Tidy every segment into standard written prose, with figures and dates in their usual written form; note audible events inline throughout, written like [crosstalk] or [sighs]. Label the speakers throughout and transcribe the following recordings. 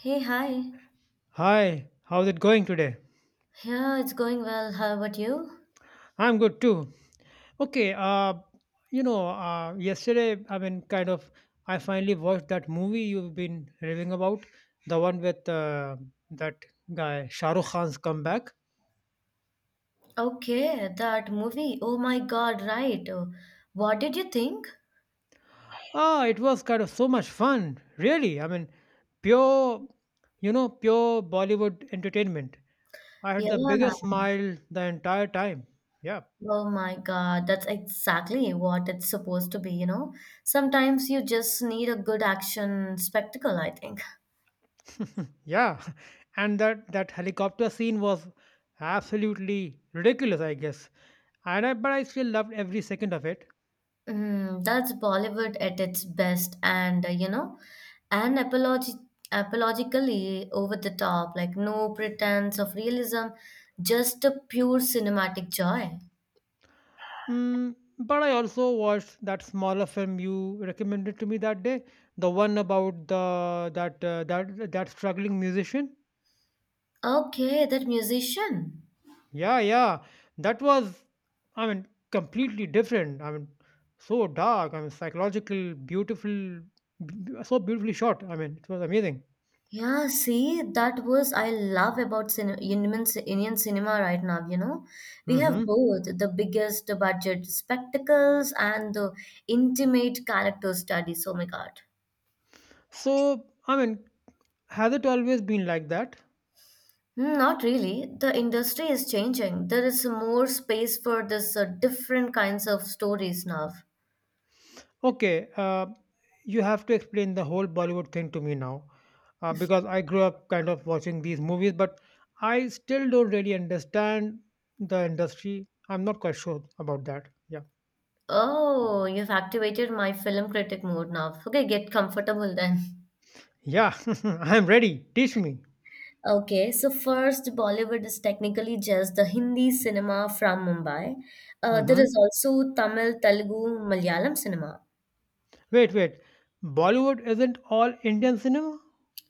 Speaker 1: Hey, hi.
Speaker 2: Hi, how's it going today?
Speaker 1: Yeah, it's going well. How about you?
Speaker 2: I'm good too. Okay, yesterday, I finally watched that movie you've been raving about, the one with that guy, Shah Rukh Khan's comeback.
Speaker 1: Okay, that movie. Oh my God, right. Oh, what did you think?
Speaker 2: It was kind of so much fun, really. Pure, pure Bollywood entertainment. I had
Speaker 1: Yeah.
Speaker 2: the biggest smile the entire time. Yeah.
Speaker 1: Oh my God, that's exactly what it's supposed to be, you know? Sometimes you just need a good action spectacle, I think.
Speaker 2: Yeah, [laughs] and that helicopter scene was absolutely ridiculous, I guess. But I still loved every second of it.
Speaker 1: Mm, that's Bollywood at its best, and and apologi apologically over the top, like no pretense of realism, just a pure cinematic joy.
Speaker 2: Mm, but I also watched that smaller film you recommended to me that day, the one about the that that that struggling musician.
Speaker 1: Okay, that musician.
Speaker 2: Yeah, yeah, that was, I mean, completely different. I mean, so dark. I mean, psychological, beautiful, so beautifully shot. I mean, it was amazing.
Speaker 1: Yeah, see, that was I love about cin Indian, Indian cinema right now, you know. We have
Speaker 2: Hmm.
Speaker 1: both the biggest budget spectacles and the intimate character studies. Oh my God.
Speaker 2: So, I mean, has it always been like that?
Speaker 1: Hmm, not really. The industry is changing. There is more space for this different kinds of stories now.
Speaker 2: Okay, you have to explain the whole Bollywood thing to me now, because I grew up kind of watching these movies, but I still don't really understand the industry. I'm not quite sure about that. Yeah,
Speaker 1: Oh, you've activated my film critic mode now. Okay, get comfortable then. [laughs]
Speaker 2: yeah, [laughs] I'm ready. Teach me.
Speaker 1: Okay, so first, Bollywood is technically just the Hindi cinema from Mumbai. There
Speaker 2: Hmm.
Speaker 1: is also Tamil, Telugu, Malayalam cinema.
Speaker 2: Wait, wait. Bollywood isn't all Indian cinema?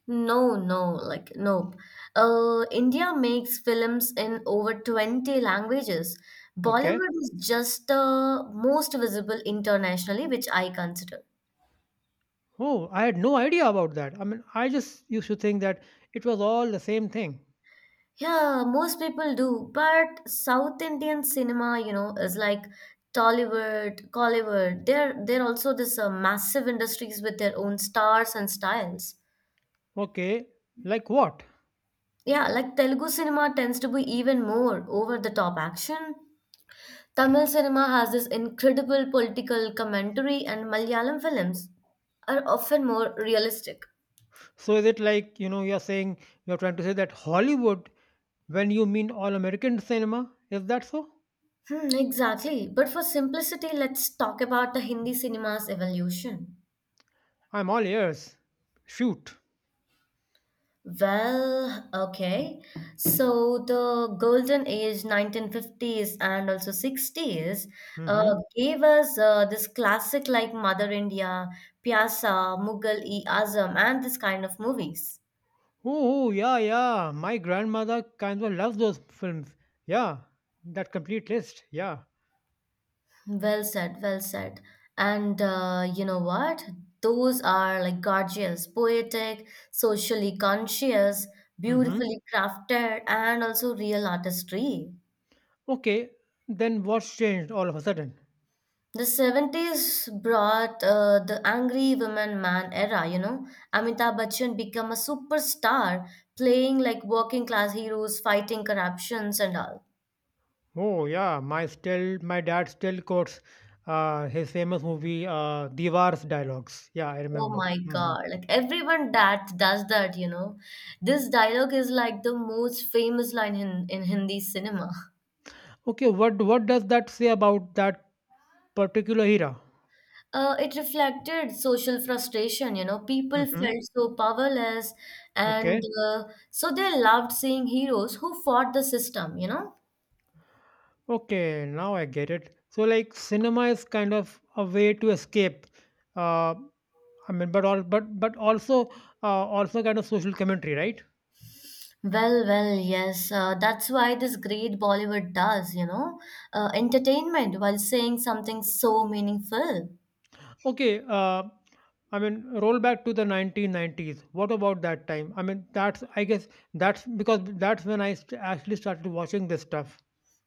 Speaker 1: No, no, like nope. India makes films in over 20 languages.
Speaker 2: Okay.
Speaker 1: Bollywood is just the most visible internationally, which I consider.
Speaker 2: Oh, I had no idea about that. I mean, I just used to think that it was all the same thing.
Speaker 1: Yeah, most people do. But South Indian cinema, you know, is like Tollywood, Collywood. They're also this massive industries with their own stars and styles.
Speaker 2: Okay, like what?
Speaker 1: Yeah, like Telugu cinema tends to be even more over the top action. Tamil cinema has this incredible political commentary, and Malayalam films are often more realistic.
Speaker 2: So is it like, you're trying to say that Hollywood, when you mean all American cinema, is that so?
Speaker 1: Hmm, exactly. But for simplicity, let's talk about the Hindi cinema's evolution.
Speaker 2: I'm all ears. Shoot.
Speaker 1: Well, okay. So the golden age, 1950s and also 60s, uh,
Speaker 2: Mm-hmm.
Speaker 1: gave us this classic like Mother India, Pyasa, Mughal-e-Azam, and this kind of movies.
Speaker 2: Oh, oh, yeah, yeah. My grandmother kind of loves those films. Yeah, that complete list. Yeah.
Speaker 1: Well said, well said. And, you know what? Those are like gorgeous, poetic, socially conscious,
Speaker 2: Mm-hmm.
Speaker 1: beautifully crafted, and also real artistry.
Speaker 2: Okay, then what's changed all of a sudden?
Speaker 1: The 70s brought the angry woman man era, you know. Amitabh Bachchan became a superstar, playing like working class heroes, fighting corruptions and all.
Speaker 2: Oh yeah, my dad still quotes his famous movie Divar's dialogues. Yeah, I
Speaker 1: Oh
Speaker 2: remember.
Speaker 1: my
Speaker 2: Mhm.
Speaker 1: God, like everyone that does that, you know. This dialogue is like the most famous line in Hindi cinema. [laughs]
Speaker 2: Okay, what does that say about that particular era?
Speaker 1: It reflected social frustration, you know. People
Speaker 2: Mm-hmm.
Speaker 1: felt so powerless, and
Speaker 2: Okay.
Speaker 1: uh, so they loved seeing heroes who fought the system, you know.
Speaker 2: Okay, now I get it. So like cinema is kind of a way to escape. Uh, I mean, but all but also also kind of social commentary, right?
Speaker 1: Well, well, yes. That's why this great Bollywood does, you know, entertainment while saying something so meaningful.
Speaker 2: Okay. I mean, roll back to the 1990s. What about that time? I guess that's because that's when actually started watching this stuff.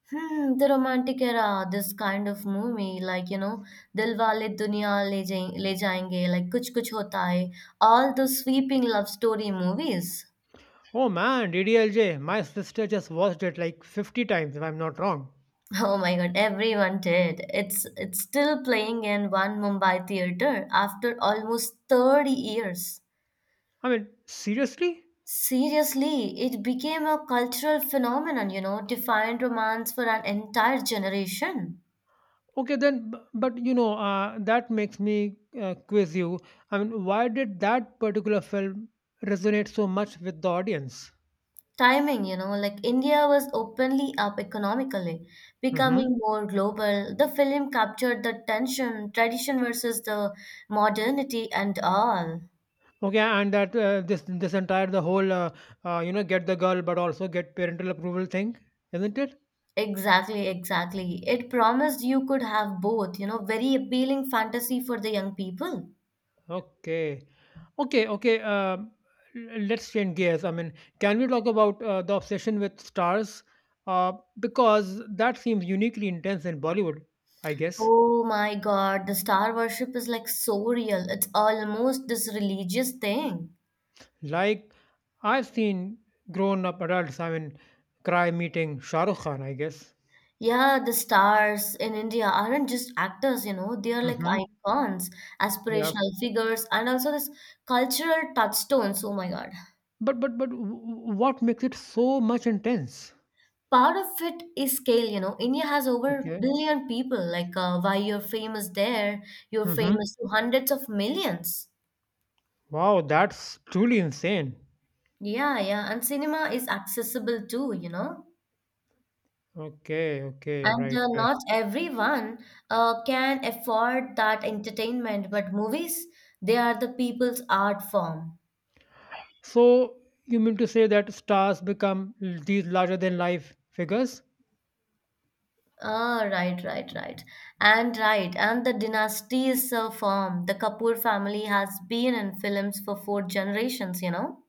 Speaker 1: Hmm, the romantic era, this kind of movie, like, you know, Dilwale Le Jayenge, like Kuch Kuch Hota Hai, all those sweeping love story movies. [laughs]
Speaker 2: Oh man, DDLJ, my sister just watched it like 50 times if I'm not wrong.
Speaker 1: Oh my God, everyone did. It's still playing in one Mumbai theater after almost 30 years.
Speaker 2: I mean, seriously?
Speaker 1: Seriously, it became a cultural phenomenon, you know, defined romance for an entire generation.
Speaker 2: Okay, then, but you know, that makes me quiz you. I mean, why did that particular film resonate so much with the audience?
Speaker 1: Timing, you know, like India was openly up economically,
Speaker 2: Hmm.
Speaker 1: becoming more global. The film captured the tension, tradition versus the modernity and all.
Speaker 2: Okay, and that this this entire the whole you know get the girl but also get parental approval thing, isn't it?
Speaker 1: Exactly, exactly. It promised you could have both, you know, very appealing fantasy for the young people.
Speaker 2: Okay, okay. Let's change gears. I mean, can we talk about the obsession with stars? Uh, because that seems uniquely intense in Bollywood, I guess.
Speaker 1: Oh my God, the star worship is like so real. It's almost this religious thing.
Speaker 2: Like I've seen grown up adults, I mean, cry meeting Shah Rukh Khan, I guess.
Speaker 1: Yeah, the stars in India aren't just actors, you know, they are like
Speaker 2: Hmm.
Speaker 1: icons,
Speaker 2: Yeah.
Speaker 1: aspirational figures, and also this cultural touchstones. Oh my God.
Speaker 2: But what makes it so much intense?
Speaker 1: Part of it is scale, you know. India has over a
Speaker 2: Okay.
Speaker 1: billion people. Like, why you're famous there, you're
Speaker 2: Hmm.
Speaker 1: famous to hundreds of millions.
Speaker 2: Wow, that's truly insane.
Speaker 1: Yeah, yeah. And cinema is accessible too, you know.
Speaker 2: Okay, okay,
Speaker 1: And
Speaker 2: right,
Speaker 1: uh,
Speaker 2: right.
Speaker 1: not everyone can afford that entertainment, but movies, they are the people's art form.
Speaker 2: So you mean to say that stars become these larger than life figures?
Speaker 1: Ah, right, right, right. And right, and the dynasties form. The Kapoor family has been in films for four generations, you know.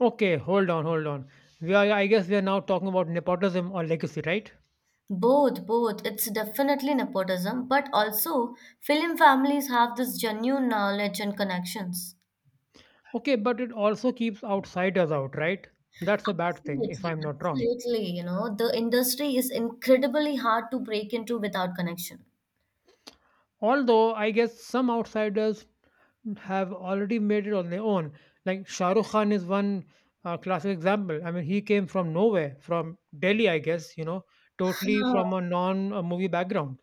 Speaker 2: Okay, hold on, hold on. We are now talking about nepotism or legacy, right?
Speaker 1: Both, both. It's definitely nepotism, but also film families have this genuine knowledge and connections.
Speaker 2: Okay, but it also keeps outsiders out, right? That's a bad thing, if
Speaker 1: Absolutely,
Speaker 2: I'm not wrong.
Speaker 1: absolutely. You know, the industry is incredibly hard to break into without connection.
Speaker 2: Although, I guess some outsiders have already made it on their own. Like Shah Rukh Khan is one classic example. I mean, he came from nowhere, from Delhi, I guess, you know, totally
Speaker 1: Ah,
Speaker 2: from a non movie background.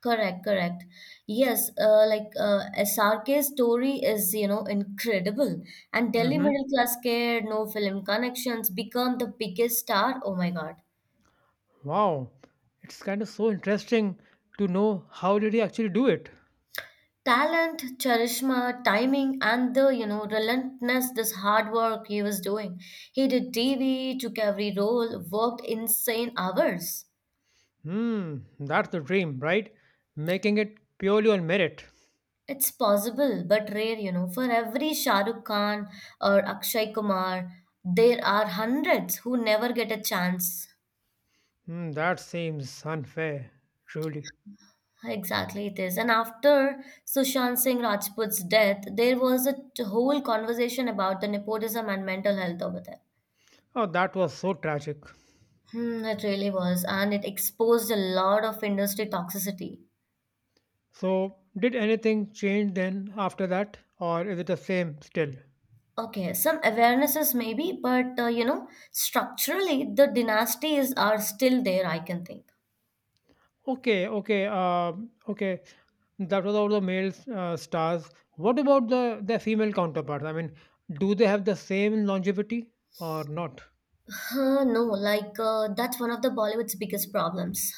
Speaker 1: correct, correct. Yes, SRK's story is, you know, incredible. And Delhi
Speaker 2: Hmm.
Speaker 1: middle class kid, no film connections, become the biggest star. Oh my God.
Speaker 2: Wow. It's kind of so interesting to know how did he actually do it.
Speaker 1: Talent, charisma, timing, and the, you know, relentless, this hard work he was doing. He did TV, took every role, worked insane hours.
Speaker 2: Hmm, that's the dream, right? Making it purely on merit.
Speaker 1: It's possible, but rare, you know. For every Shah Rukh Khan or Akshay Kumar, there are hundreds who never get a chance.
Speaker 2: Hmm, that seems unfair, truly.
Speaker 1: Exactly, it is. And after Sushant Singh Rajput's death, there was whole conversation about the nepotism and mental health over there.
Speaker 2: Oh, that was so tragic.
Speaker 1: Hmm, it really was, and it exposed a lot of industry toxicity.
Speaker 2: So, did anything change then after that, or is it the same still?
Speaker 1: Okay, some awarenesses maybe, but you know, structurally, the dynasties are still there, I can think.
Speaker 2: Okay. That was all the male stars. What about their female counterparts? I mean, do they have the same longevity or not?
Speaker 1: Huh, no, that's one of the Bollywood's biggest problems.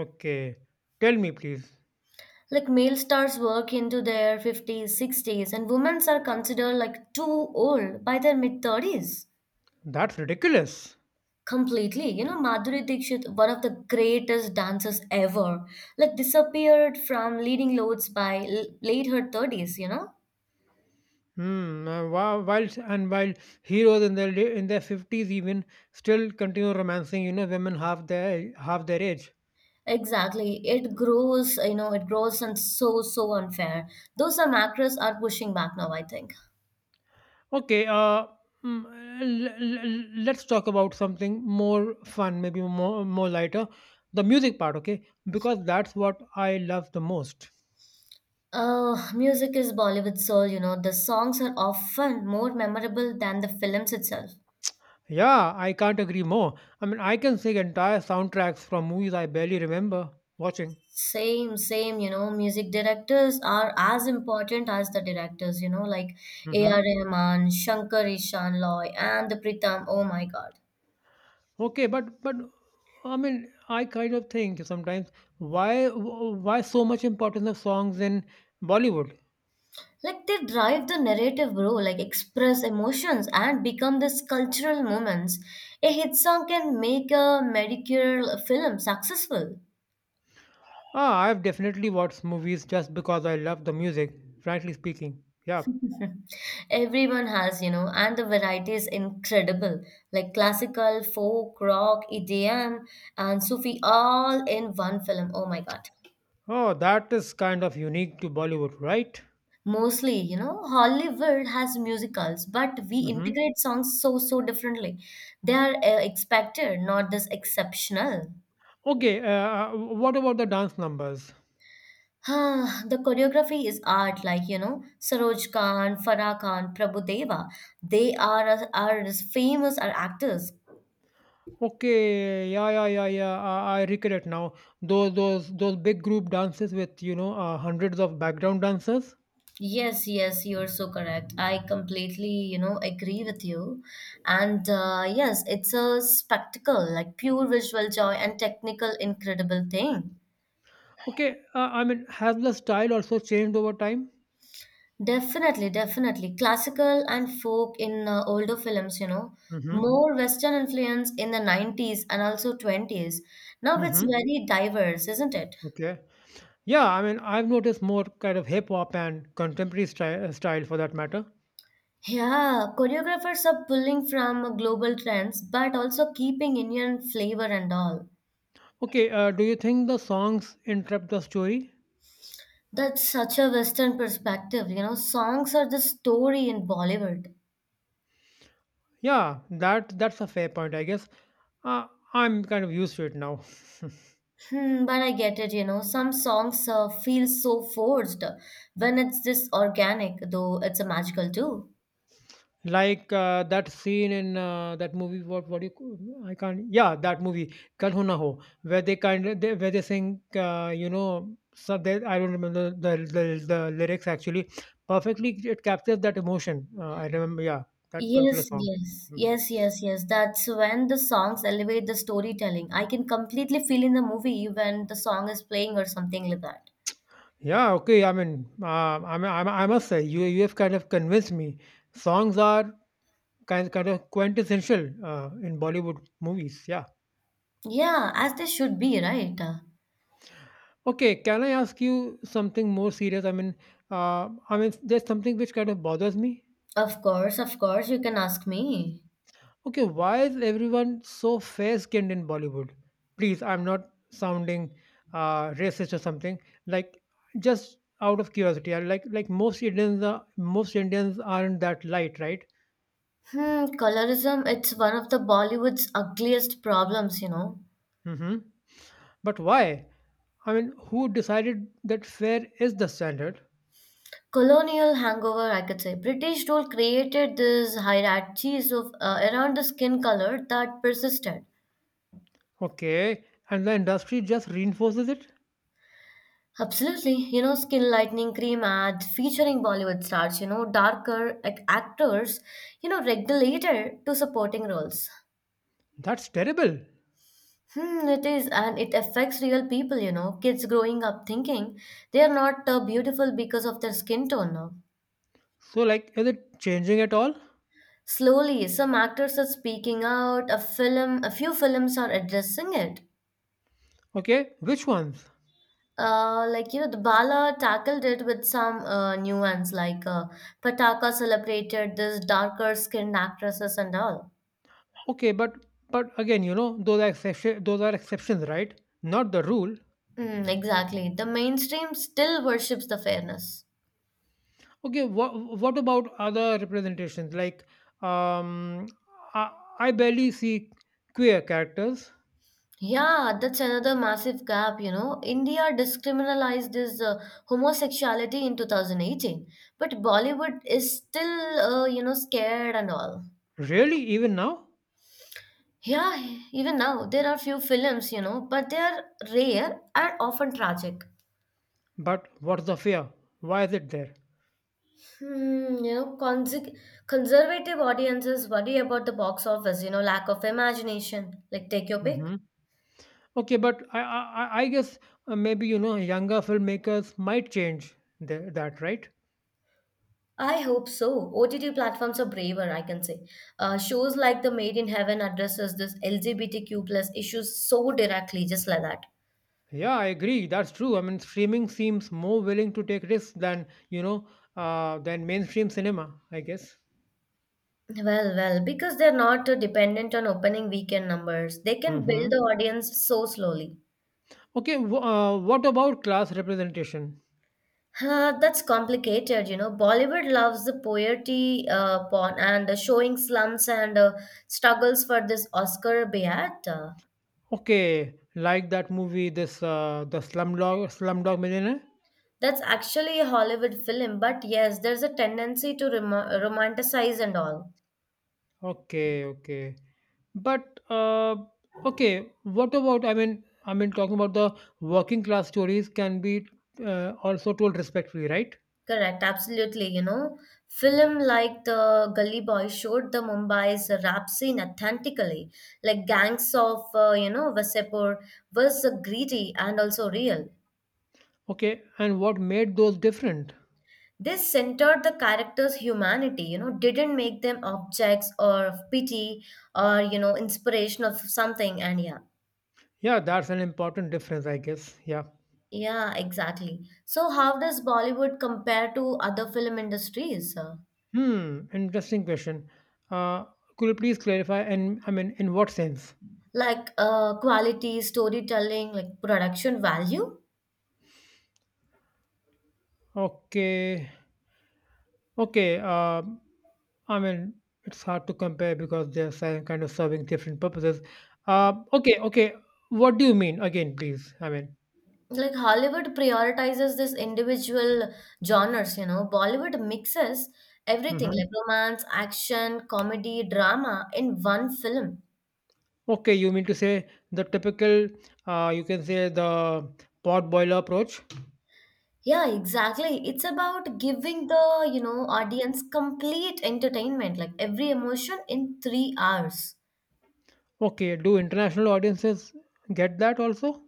Speaker 2: Okay, tell me, please.
Speaker 1: Like male stars work into their 50s 60s and women are considered like too old by their mid 30s
Speaker 2: That's ridiculous.
Speaker 1: completely, you know. Madhuri Dixit, one of the greatest dancers ever, like disappeared from leading loads by late her 30s, you know.
Speaker 2: Hmm. Wa- Whilst and While heroes in in their fifties even still continue romancing, you know, women half their age.
Speaker 1: Exactly, it grows, you know, it grows, and so so unfair. Those Some actors are pushing back now, I think.
Speaker 2: Okay. Mm, let's talk about something more fun, maybe more lighter, the music part. Okay, because that's what I love the most.
Speaker 1: Oh, music is Bollywood soul, you know. The songs are often more memorable than the films itself.
Speaker 2: Yeah, I can't agree more. I mean, I can sing entire soundtracks from movies I barely remember watching.
Speaker 1: Same, same, you know, music directors are as important as the directors, you know, like A.R.
Speaker 2: Mm-hmm.
Speaker 1: Rahman, Shankar Ishan Loy, and the Pritam. Oh my God.
Speaker 2: Okay, but I mean, I kind of think sometimes why so much importance of songs in Bollywood?
Speaker 1: Like they drive the narrative, bro, like express emotions and become these cultural moments. A hit song can make a mediocre film successful.
Speaker 2: Ah, I've definitely watched movies just because I love the music. Frankly speaking, yeah.
Speaker 1: [laughs] Everyone has, you know, and the variety is incredible. Like classical, folk, rock, EDM, and Sufi all in one film. Oh my god.
Speaker 2: Oh, that is kind of unique to Bollywood, right?
Speaker 1: Mostly, you know, Hollywood has musicals, but we
Speaker 2: Mm-hmm.
Speaker 1: integrate songs so, so differently. They are expected, not this exceptional. [sighs]
Speaker 2: Okay. What about the dance numbers?
Speaker 1: Ah, the choreography is art, like, you know, Saroj Khan, Farah Khan, Prabhudeva. Are as famous are actors.
Speaker 2: Okay. Yeah. I recollect now. Those big group dances with you know hundreds of background dancers.
Speaker 1: Yes, yes, you're so correct. I completely, you know, agree with you. And yes, it's a spectacle, like pure visual joy and technical incredible thing.
Speaker 2: Okay, I mean, has the style also changed over time?
Speaker 1: Definitely, definitely. Classical and folk in older films, you know,
Speaker 2: Mm-hmm.
Speaker 1: more Western influence in the 90s and also 20s. Now it's
Speaker 2: Mm-hmm.
Speaker 1: very diverse, isn't it?
Speaker 2: Okay. Yeah, I mean, I've noticed more kind of hip hop and contemporary style for that matter.
Speaker 1: Yeah, choreographers are pulling from global trends but also keeping Indian flavor and all.
Speaker 2: Okay, do you think the songs interrupt the story?
Speaker 1: That's such a Western perspective, you know. Songs are the story in Bollywood.
Speaker 2: Yeah, that's a fair point, I guess. Uh, I'm kind of used to it now.
Speaker 1: Hmm, but I get it, you know. Some songs feel so forced when it's this organic, though it's a magical too.
Speaker 2: Like that scene in that movie, what do you? C- I can't. Yeah, that movie, Kal Ho Na Ho, where they kind of they, where they sing, so they, I don't remember the lyrics actually. Perfectly, it captures that emotion. I remember, yeah, that particular
Speaker 1: Yes,
Speaker 2: song.
Speaker 1: yes,
Speaker 2: Mhm.
Speaker 1: yes, yes, yes. That's when the songs elevate the storytelling. I can completely feel in the movie when the song is playing or something like that.
Speaker 2: Yeah, okay. I must say, you have kind of convinced me. Songs are kind of quintessential in Bollywood movies. Yeah.
Speaker 1: Yeah, as they should be, right?
Speaker 2: Okay, can I ask you something more serious? I mean, there's something which kind of bothers me.
Speaker 1: Of course, you can ask me.
Speaker 2: Okay, why is everyone so fair-skinned in Bollywood? Please, I'm not sounding racist or something. Like, just out of curiosity, I like most Indians aren't that light, right?
Speaker 1: Hmm, colorism, it's one of the Bollywood's ugliest problems, you know.
Speaker 2: Mm-hmm. But why? I mean, who decided that fair is the standard?
Speaker 1: Colonial hangover, I could say. British rule created these hierarchies of around the skin color that persisted.
Speaker 2: Okay, and the industry just reinforces it.
Speaker 1: Absolutely. You know, Skin Lightening Cream ad featuring Bollywood stars, you know, darker actors, you know, regulator to supporting roles.
Speaker 2: That's terrible.
Speaker 1: Hmm, it is, and it affects real people, you know, kids growing up thinking they are not beautiful because of their skin tone now.
Speaker 2: So like is it changing at all?
Speaker 1: Slowly, some actors are speaking out, a film, a few films are addressing it.
Speaker 2: Okay, which ones?
Speaker 1: Like you know, the Bala tackled it with some nuance, like Pataka celebrated this darker skinned actresses and all.
Speaker 2: Okay, but again, you know, those are exceptions, right? Not the rule.
Speaker 1: Mm, exactly. The mainstream still worships the fairness.
Speaker 2: Okay, what about other representations? Like um I, I barely see queer characters.
Speaker 1: Yeah, that's another massive gap, you know. India discriminalized this homosexuality in 2018, but Bollywood is still, you know, scared and all.
Speaker 2: Really even now?
Speaker 1: Yeah, even now there are few films, you know, but they are rare and often tragic.
Speaker 2: But what's the fear? Why is it there?
Speaker 1: Hmm, you know, conservative audiences worry about the box office, you know, lack of imagination. Like, take your pick.
Speaker 2: Hmm. Okay, but I guess maybe you know younger filmmakers might change that, right?
Speaker 1: I hope so. OTT platforms are braver, I can say. Shows like The Made in Heaven addresses this LGBTQ plus issues so directly, just like that.
Speaker 2: Yeah, I agree. That's true. I mean, streaming seems more willing to take risks than, you know, than mainstream cinema, I guess.
Speaker 1: Well, well, because they're not dependent on opening weekend numbers, they can build the
Speaker 2: Hmm.
Speaker 1: audience so slowly.
Speaker 2: Okay, what about class representation?
Speaker 1: That's complicated, you know. Bollywood loves the poverty porn and showing slums and struggles for this Oscar Beat.
Speaker 2: Okay, like that movie, this the Slumdog Slumdog Millionaire.
Speaker 1: That's actually a Hollywood film, but yes, there's a tendency to romanticize and all.
Speaker 2: Okay, okay, but uh, okay, what about? Talking about the working class stories can be also told respectfully, right?
Speaker 1: Correct, absolutely. You know, film like the Gully Boy showed the Mumbai's rap scene authentically. Like gangs of you know Vasepur was greedy and also real.
Speaker 2: Okay, and what made those different?
Speaker 1: This centered the characters' humanity. You know, didn't make them objects or of pity or you know inspiration of something. And yeah,
Speaker 2: Yeah, that's an important difference, I guess. Yeah.
Speaker 1: yeah, exactly. So how does Bollywood compare to other film industries?
Speaker 2: Hmm. Interesting question. Uh, could you please clarify? And I mean, in what sense?
Speaker 1: Like quality, storytelling, like production value?
Speaker 2: Okay. Okay. I mean, it's hard to compare because they're kind of serving different purposes. Okay. Okay. What do you mean again, please? I mean.
Speaker 1: Like Hollywood prioritizes this individual genres, you know. Bollywood mixes everything
Speaker 2: Hmm.
Speaker 1: like romance, action, comedy, drama in one film.
Speaker 2: Okay. You mean to say the typical? You can say the pot boiler approach.
Speaker 1: Yeah, exactly. It's about giving the, you know, audience complete entertainment, like every emotion in 3 hours.
Speaker 2: Okay. Do international audiences get that also?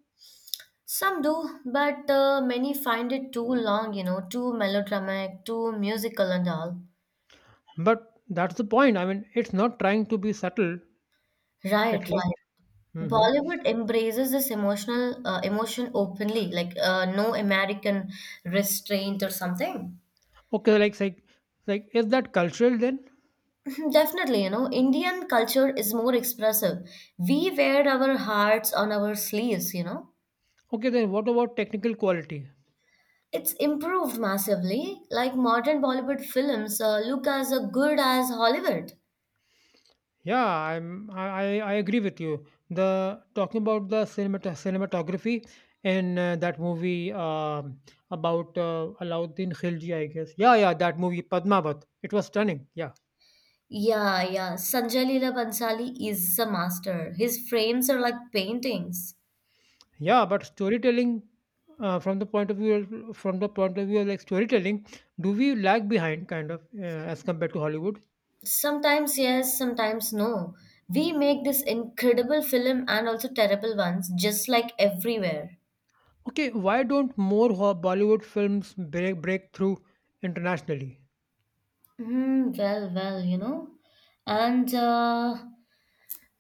Speaker 1: Some do, but many find it too long, you know, too melodramatic, too musical and all.
Speaker 2: But that's the point. I mean, it's not trying to be subtle,
Speaker 1: Right,
Speaker 2: at least.
Speaker 1: right.
Speaker 2: Hmm.
Speaker 1: Bollywood embraces this emotional emotion openly, like no American restraint or something.
Speaker 2: Okay, like, is that cultural then?
Speaker 1: [laughs] Definitely, you know, Indian culture is more expressive. We wear our hearts on our sleeves, you know.
Speaker 2: Okay, then what about technical quality?
Speaker 1: It's improved massively. Like modern Bollywood films look as good as Hollywood.
Speaker 2: Yeah, I agree with you. The Talking about the cinematography in that movie about Alauddin Khilji, I guess. Yeah, yeah, that movie Padmavat. It was stunning. Yeah.
Speaker 1: Yeah, yeah. Sanjay Leela Bhansali is a master. His frames are like paintings.
Speaker 2: Yeah, but storytelling uh, from the point of view from the point of view of like storytelling, do we lag behind kind of as compared to Hollywood?
Speaker 1: Sometimes yes, sometimes no. We make this incredible film and also terrible ones, just like everywhere.
Speaker 2: Okay, why don't more Bollywood films break through internationally?
Speaker 1: Hmm. You know. And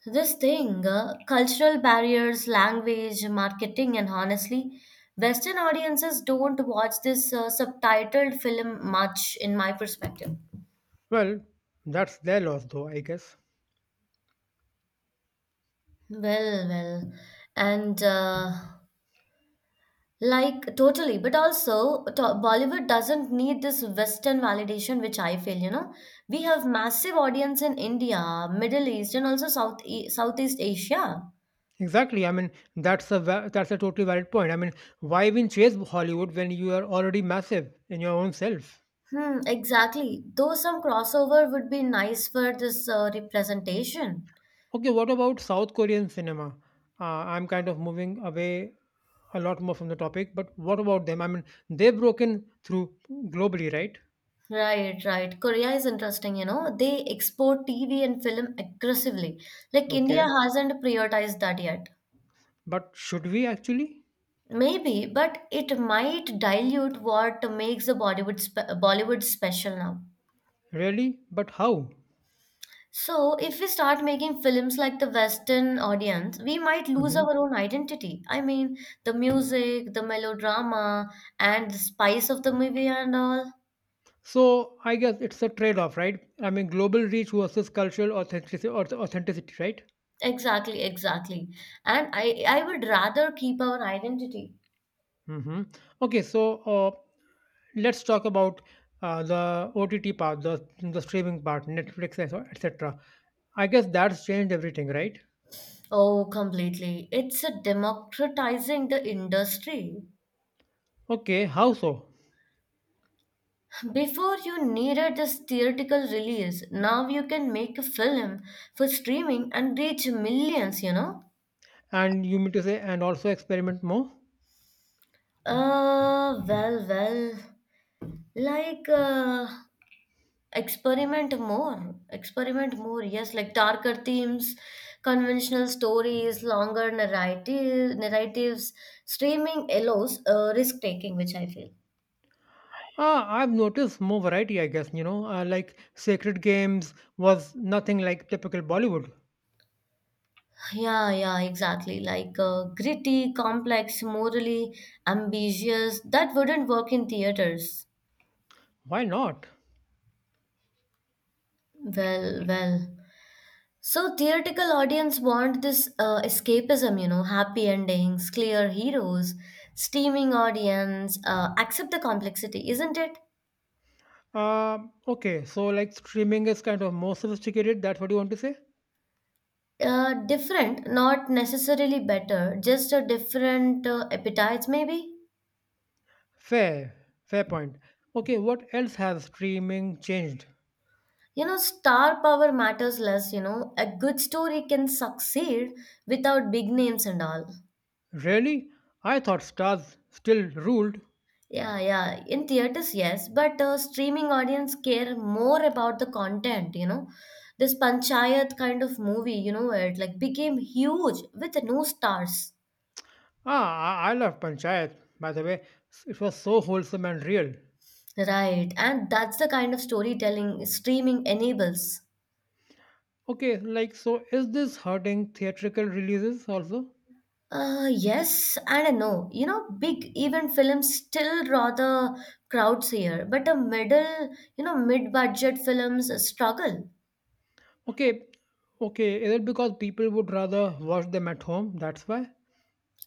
Speaker 1: This thing, cultural barriers, language, marketing, and honestly, Western audiences don't watch this subtitled film much, in my perspective.
Speaker 2: Well, that's their loss, though I guess.
Speaker 1: Well, well, and Like totally, but also Bollywood doesn't need this Western validation, which I feel, you know. We have massive audience in India, Middle East, and also Southeast Asia.
Speaker 2: Exactly. I mean, that's a totally valid point. I mean, why even chase Hollywood when you are already massive in your own self?
Speaker 1: Hmm, exactly. Though some crossover would be nice for this representation.
Speaker 2: Okay, what about South Korean cinema? I'm kind of moving away a lot more from the topic, but what about them? I mean, they've broken through globally, right?
Speaker 1: Right, right. Korea is interesting, you know. They export TV and film aggressively. Like
Speaker 2: Okay,
Speaker 1: India hasn't prioritized that yet.
Speaker 2: but should we actually?
Speaker 1: Maybe, but it might dilute what makes the Bollywood special now.
Speaker 2: Really? But how?
Speaker 1: So, if we start making films like the Western audience, we might lose
Speaker 2: Mhm.
Speaker 1: our own identity. I mean, the music, the melodrama, and the spice of the movie and all.
Speaker 2: So I guess it's a trade-off, right? I mean, global reach versus cultural authenticity, right?
Speaker 1: Exactly, exactly. And I would rather keep our identity.
Speaker 2: Hmm. Okay, so let's talk about the OTT part, the streaming part, Netflix, etc. I guess that's changed everything, right?
Speaker 1: Oh, completely. It's a democratizing the industry.
Speaker 2: Okay, how so?
Speaker 1: Before you needed this theatrical release, now you can make a film for streaming and reach millions, you know?
Speaker 2: And you mean to say, and also experiment more?
Speaker 1: Uh, well, well, like, uh, experiment more, yes, like darker themes, conventional stories, narratives. Streaming allows risk taking, which I feel.
Speaker 2: Ah, I've noticed more variety, I guess, you know, like Sacred Games was nothing like typical Bollywood.
Speaker 1: Yeah, yeah, exactly. Like gritty, complex, morally ambitious, that wouldn't work in theaters.
Speaker 2: Why not?
Speaker 1: Well, well. So, theatrical audience want this escapism, you know, happy endings, clear heroes, steaming audience, accept the complexity, isn't it?
Speaker 2: Uh, okay, so like streaming is kind of more sophisticated, that's what you want to say?
Speaker 1: Different, not necessarily better, just a different appetites, maybe?
Speaker 2: Fair, fair point. Okay, what else has streaming changed?
Speaker 1: You know, star power matters less, you know. A good story can succeed without big names and all.
Speaker 2: Really? I thought stars still ruled.
Speaker 1: Yeah, yeah. In theaters, yes, but streaming audience care more about the content, you know. This Panchayat kind of movie, you know, where it like became huge with no stars.
Speaker 2: Ah, I love Panchayat, by the way. It was so wholesome and real.
Speaker 1: Right, and that's the kind of storytelling streaming enables.
Speaker 2: Okay, like so is this hurting theatrical releases also?
Speaker 1: Yes and a no. You know, big event films still draw the crowds here, but a middle, you know, mid-budget films struggle.
Speaker 2: Okay. Okay, is it because people would rather watch them at home? That's why?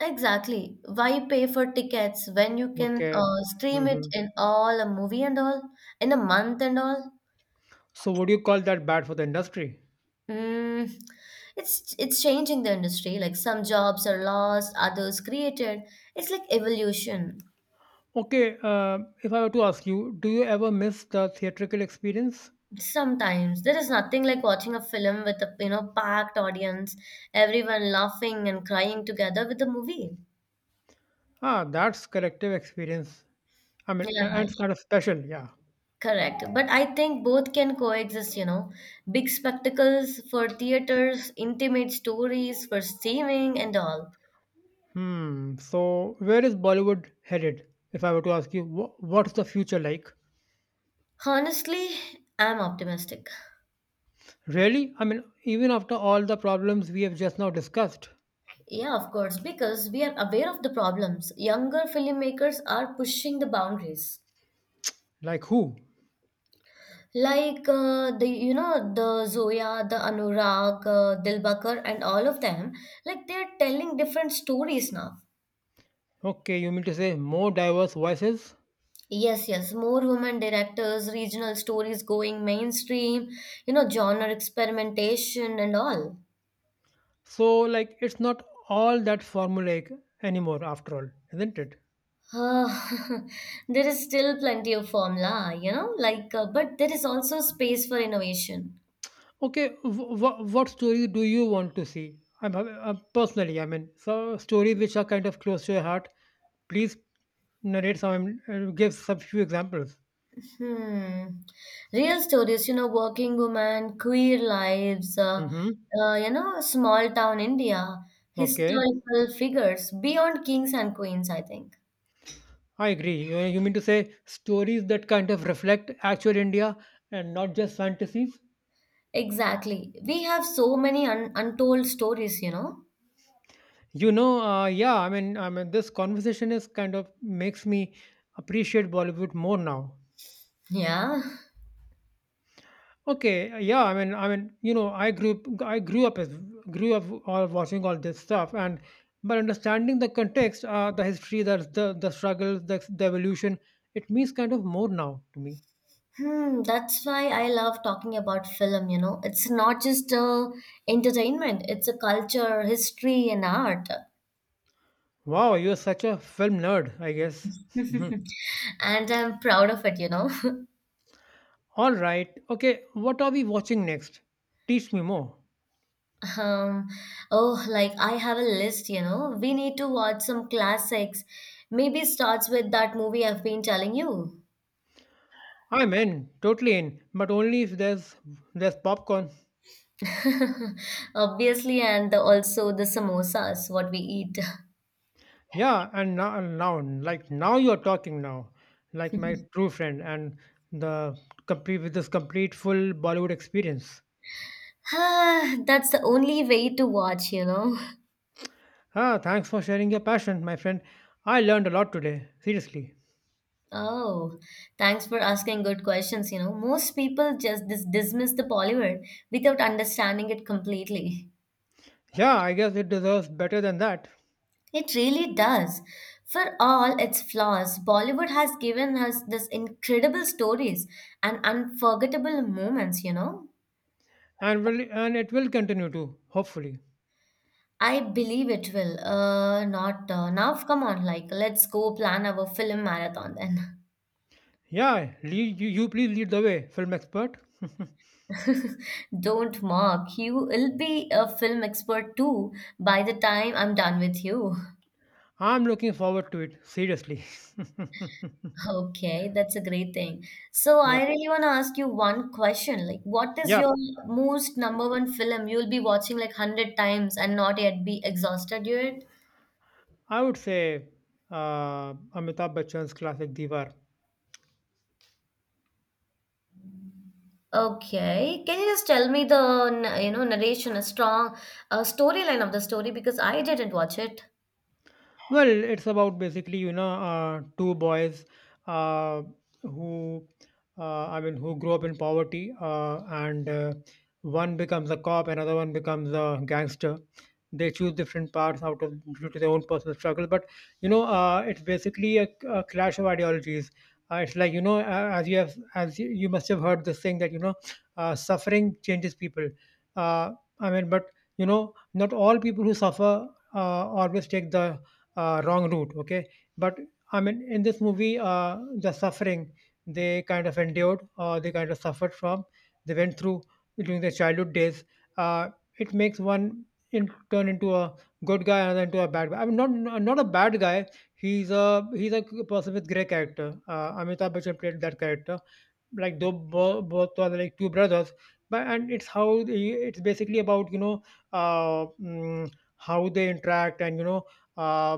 Speaker 1: Exactly. Why pay for tickets when you can
Speaker 2: Okay.
Speaker 1: stream it
Speaker 2: Hmm.
Speaker 1: in all a movie and all in a month and all?
Speaker 2: So would you call that bad for the industry?
Speaker 1: Mm, it's changing the industry. Like some jobs are lost, others created. It's like evolution.
Speaker 2: Okay, if I were to ask you, do you ever miss the theatrical experience?
Speaker 1: Sometimes there is nothing like watching a film with a you know packed audience, everyone laughing and crying together with the movie.
Speaker 2: Ah, that's collective experience. I mean,
Speaker 1: Yeah,
Speaker 2: and it's kind of special, yeah.
Speaker 1: correct. But I think both can coexist, you know. Big spectacles for theaters, intimate stories for streaming and all.
Speaker 2: Hmm. So where is Bollywood headed? If I were to ask you, what's the future like?
Speaker 1: Honestly, I'm optimistic.
Speaker 2: Really? I mean, even after all the problems we have just now discussed?
Speaker 1: Yeah, of course, because we are aware of the problems. Younger filmmakers are pushing the boundaries.
Speaker 2: Like who?
Speaker 1: Like the you know the Zoya, the Anurag, Dilbakar, and all of them, like they're telling different stories now.
Speaker 2: Okay, you mean to say more diverse voices?
Speaker 1: Yes, yes, more women directors, regional stories going mainstream, you know, genre experimentation and all.
Speaker 2: So, like, it's not all that formulaic anymore, after all, isn't it?
Speaker 1: Uh, [laughs] there is still plenty of formula, you know, but there is also space for innovation.
Speaker 2: Okay, what story do you want to see? I personally, I mean, so stories which are kind of close to your heart. Please narrate some, give some few examples.
Speaker 1: Hmm. Real stories, you know, working women, queer lives,
Speaker 2: Mm-hmm.
Speaker 1: you know, small town India,
Speaker 2: Okay.
Speaker 1: historical figures beyond kings and queens, I think.
Speaker 2: I agree. You mean to say stories that kind of reflect actual India and not just fantasies?
Speaker 1: Exactly. We have so many un untold stories, you know.
Speaker 2: Yeah. I mean, this conversation is kind of makes me appreciate Bollywood more now.
Speaker 1: Yeah.
Speaker 2: Okay, yeah. I mean, you know, I grew up as grew up all watching all this stuff, and but understanding the context, the history, the struggles, the evolution, it means kind of more now to me.
Speaker 1: Hmm, that's why I love talking about film, you know. It's not just entertainment, it's a culture, history, and art.
Speaker 2: Wow, you're such a film nerd, I guess. [laughs]
Speaker 1: [laughs] And I'm proud of it, you know. [laughs]
Speaker 2: All right. Okay, what are we watching next? Teach me more.
Speaker 1: Um, oh, like I have a list, you know. We need to watch some classics. Maybe starts with that movie I've been telling you.
Speaker 2: I'm in, totally in, but only if there's popcorn.
Speaker 1: [laughs] Obviously, and also the samosas, what we eat. [laughs]
Speaker 2: Yeah, and now like now you're talking now, like my true friend and the complete with this complete full Bollywood experience.
Speaker 1: Ah, that's the only way to watch, you know.
Speaker 2: Ah, thanks for sharing your passion, my friend. I learned a lot today, seriously.
Speaker 1: Oh, thanks for asking good questions, you know. Most people just dismiss the Bollywood without understanding it completely.
Speaker 2: Yeah, I guess it deserves better than that,
Speaker 1: It really does. For all its flaws, Bollywood has given us this incredible stories and unforgettable moments, you know.
Speaker 2: and it will continue to, hopefully.
Speaker 1: I believe it will. Not now. Come on, like let's go plan our film marathon then.
Speaker 2: Yeah, lead, you please lead the way, film expert.
Speaker 1: [laughs] Don't mock. You will be a film expert too by the time I'm done with you. [laughs]
Speaker 2: I'm looking forward to it, seriously. [laughs]
Speaker 1: Okay, that's a great thing. So
Speaker 2: Yep.
Speaker 1: I really want to ask you one question. Like, what is your
Speaker 2: Yep.
Speaker 1: most number one film you'll be watching like 100 times and not yet be exhausted yet?
Speaker 2: I would say Amitabh Bachchan's classic Diwar.
Speaker 1: Okay. Can you just tell me the, you know, narration, a strong storyline of the story because I didn't watch it.
Speaker 2: Well, it's about basically, you know, two boys uh, who, I mean, who grew up in poverty, and one becomes a cop, another one becomes a gangster. They choose different paths out of due to their own personal struggle, but you know, it's basically a clash of ideologies. It's like you know, as you have, as you, you must have heard this thing that you know, suffering changes people. Uh, I mean, but you know, not all people who suffer uh, always take the wrong route. Okay, but I mean, in this movie, the suffering they kind of endured or they kind of suffered from, they went through during their childhood days. Uh, it makes turn into a good guy, another into a bad guy. I mean, not a bad guy. He's a person with grey character. Amitabh Bachchan played that character like both are like two brothers but and it's it's basically about you know uh, mm, how they interact and you know uh,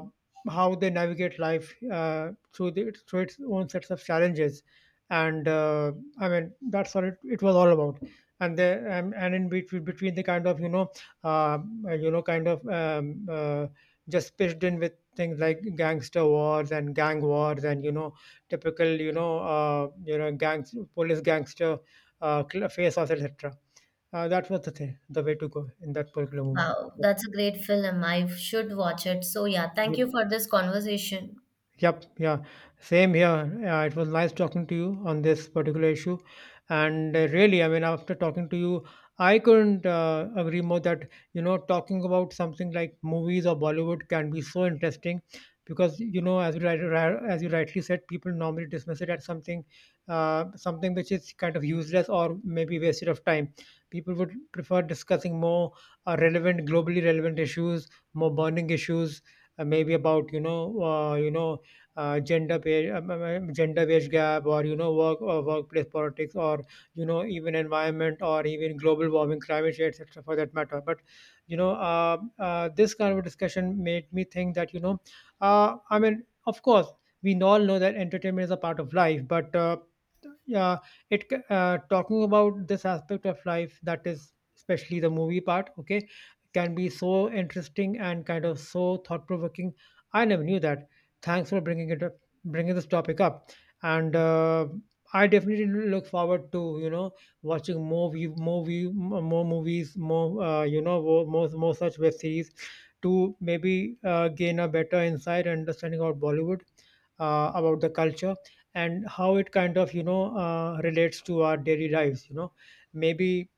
Speaker 2: how they navigate life through through its own sets of challenges and I mean that's what it was all about and the and in between the kind of uh, you know kind of just pitched in with things like gangster wars and gang wars and you know typical you know gangs police gangster face off etc. That was the thing, the way to go in that particular movie.
Speaker 1: Wow, that's a great film. I should watch it. So yeah, thank you for this conversation.
Speaker 2: Yep, yeah, same here. It was nice talking to you on this particular issue. And really, I mean, after talking to you, I couldn't agree more that, you know, talking about something like movies or Bollywood can be so interesting because, you know, as you rightly said, people normally dismiss it as something, something which is kind of useless or maybe wasted of time. People would prefer discussing more relevant, globally relevant issues, more burning issues, maybe about, you know, gender pay, gender wage gap, or you know workplace politics, or you know even environment, or even global warming, climate change, etc. For that matter, but you know this kind of a discussion made me think that you know I mean of course we all know that entertainment is a part of life, but yeah, talking about this aspect of life that is especially the movie part. Okay, can be so interesting and kind of so thought provoking. I never knew that. Thanks for bringing it up, bringing this topic up, and I definitely look forward to you know watching more movies, more you know more such web series to maybe gain a better insight and understanding about Bollywood, about the culture, and how it kind of you know relates to our daily lives. You know, maybe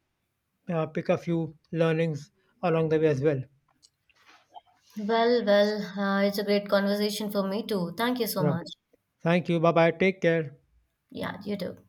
Speaker 2: pick a few learnings along the way as well.
Speaker 1: It's a great conversation for me too. Thank you so
Speaker 2: Yeah.
Speaker 1: much.
Speaker 2: Thank you. Bye bye. Take care.
Speaker 1: Yeah, you too.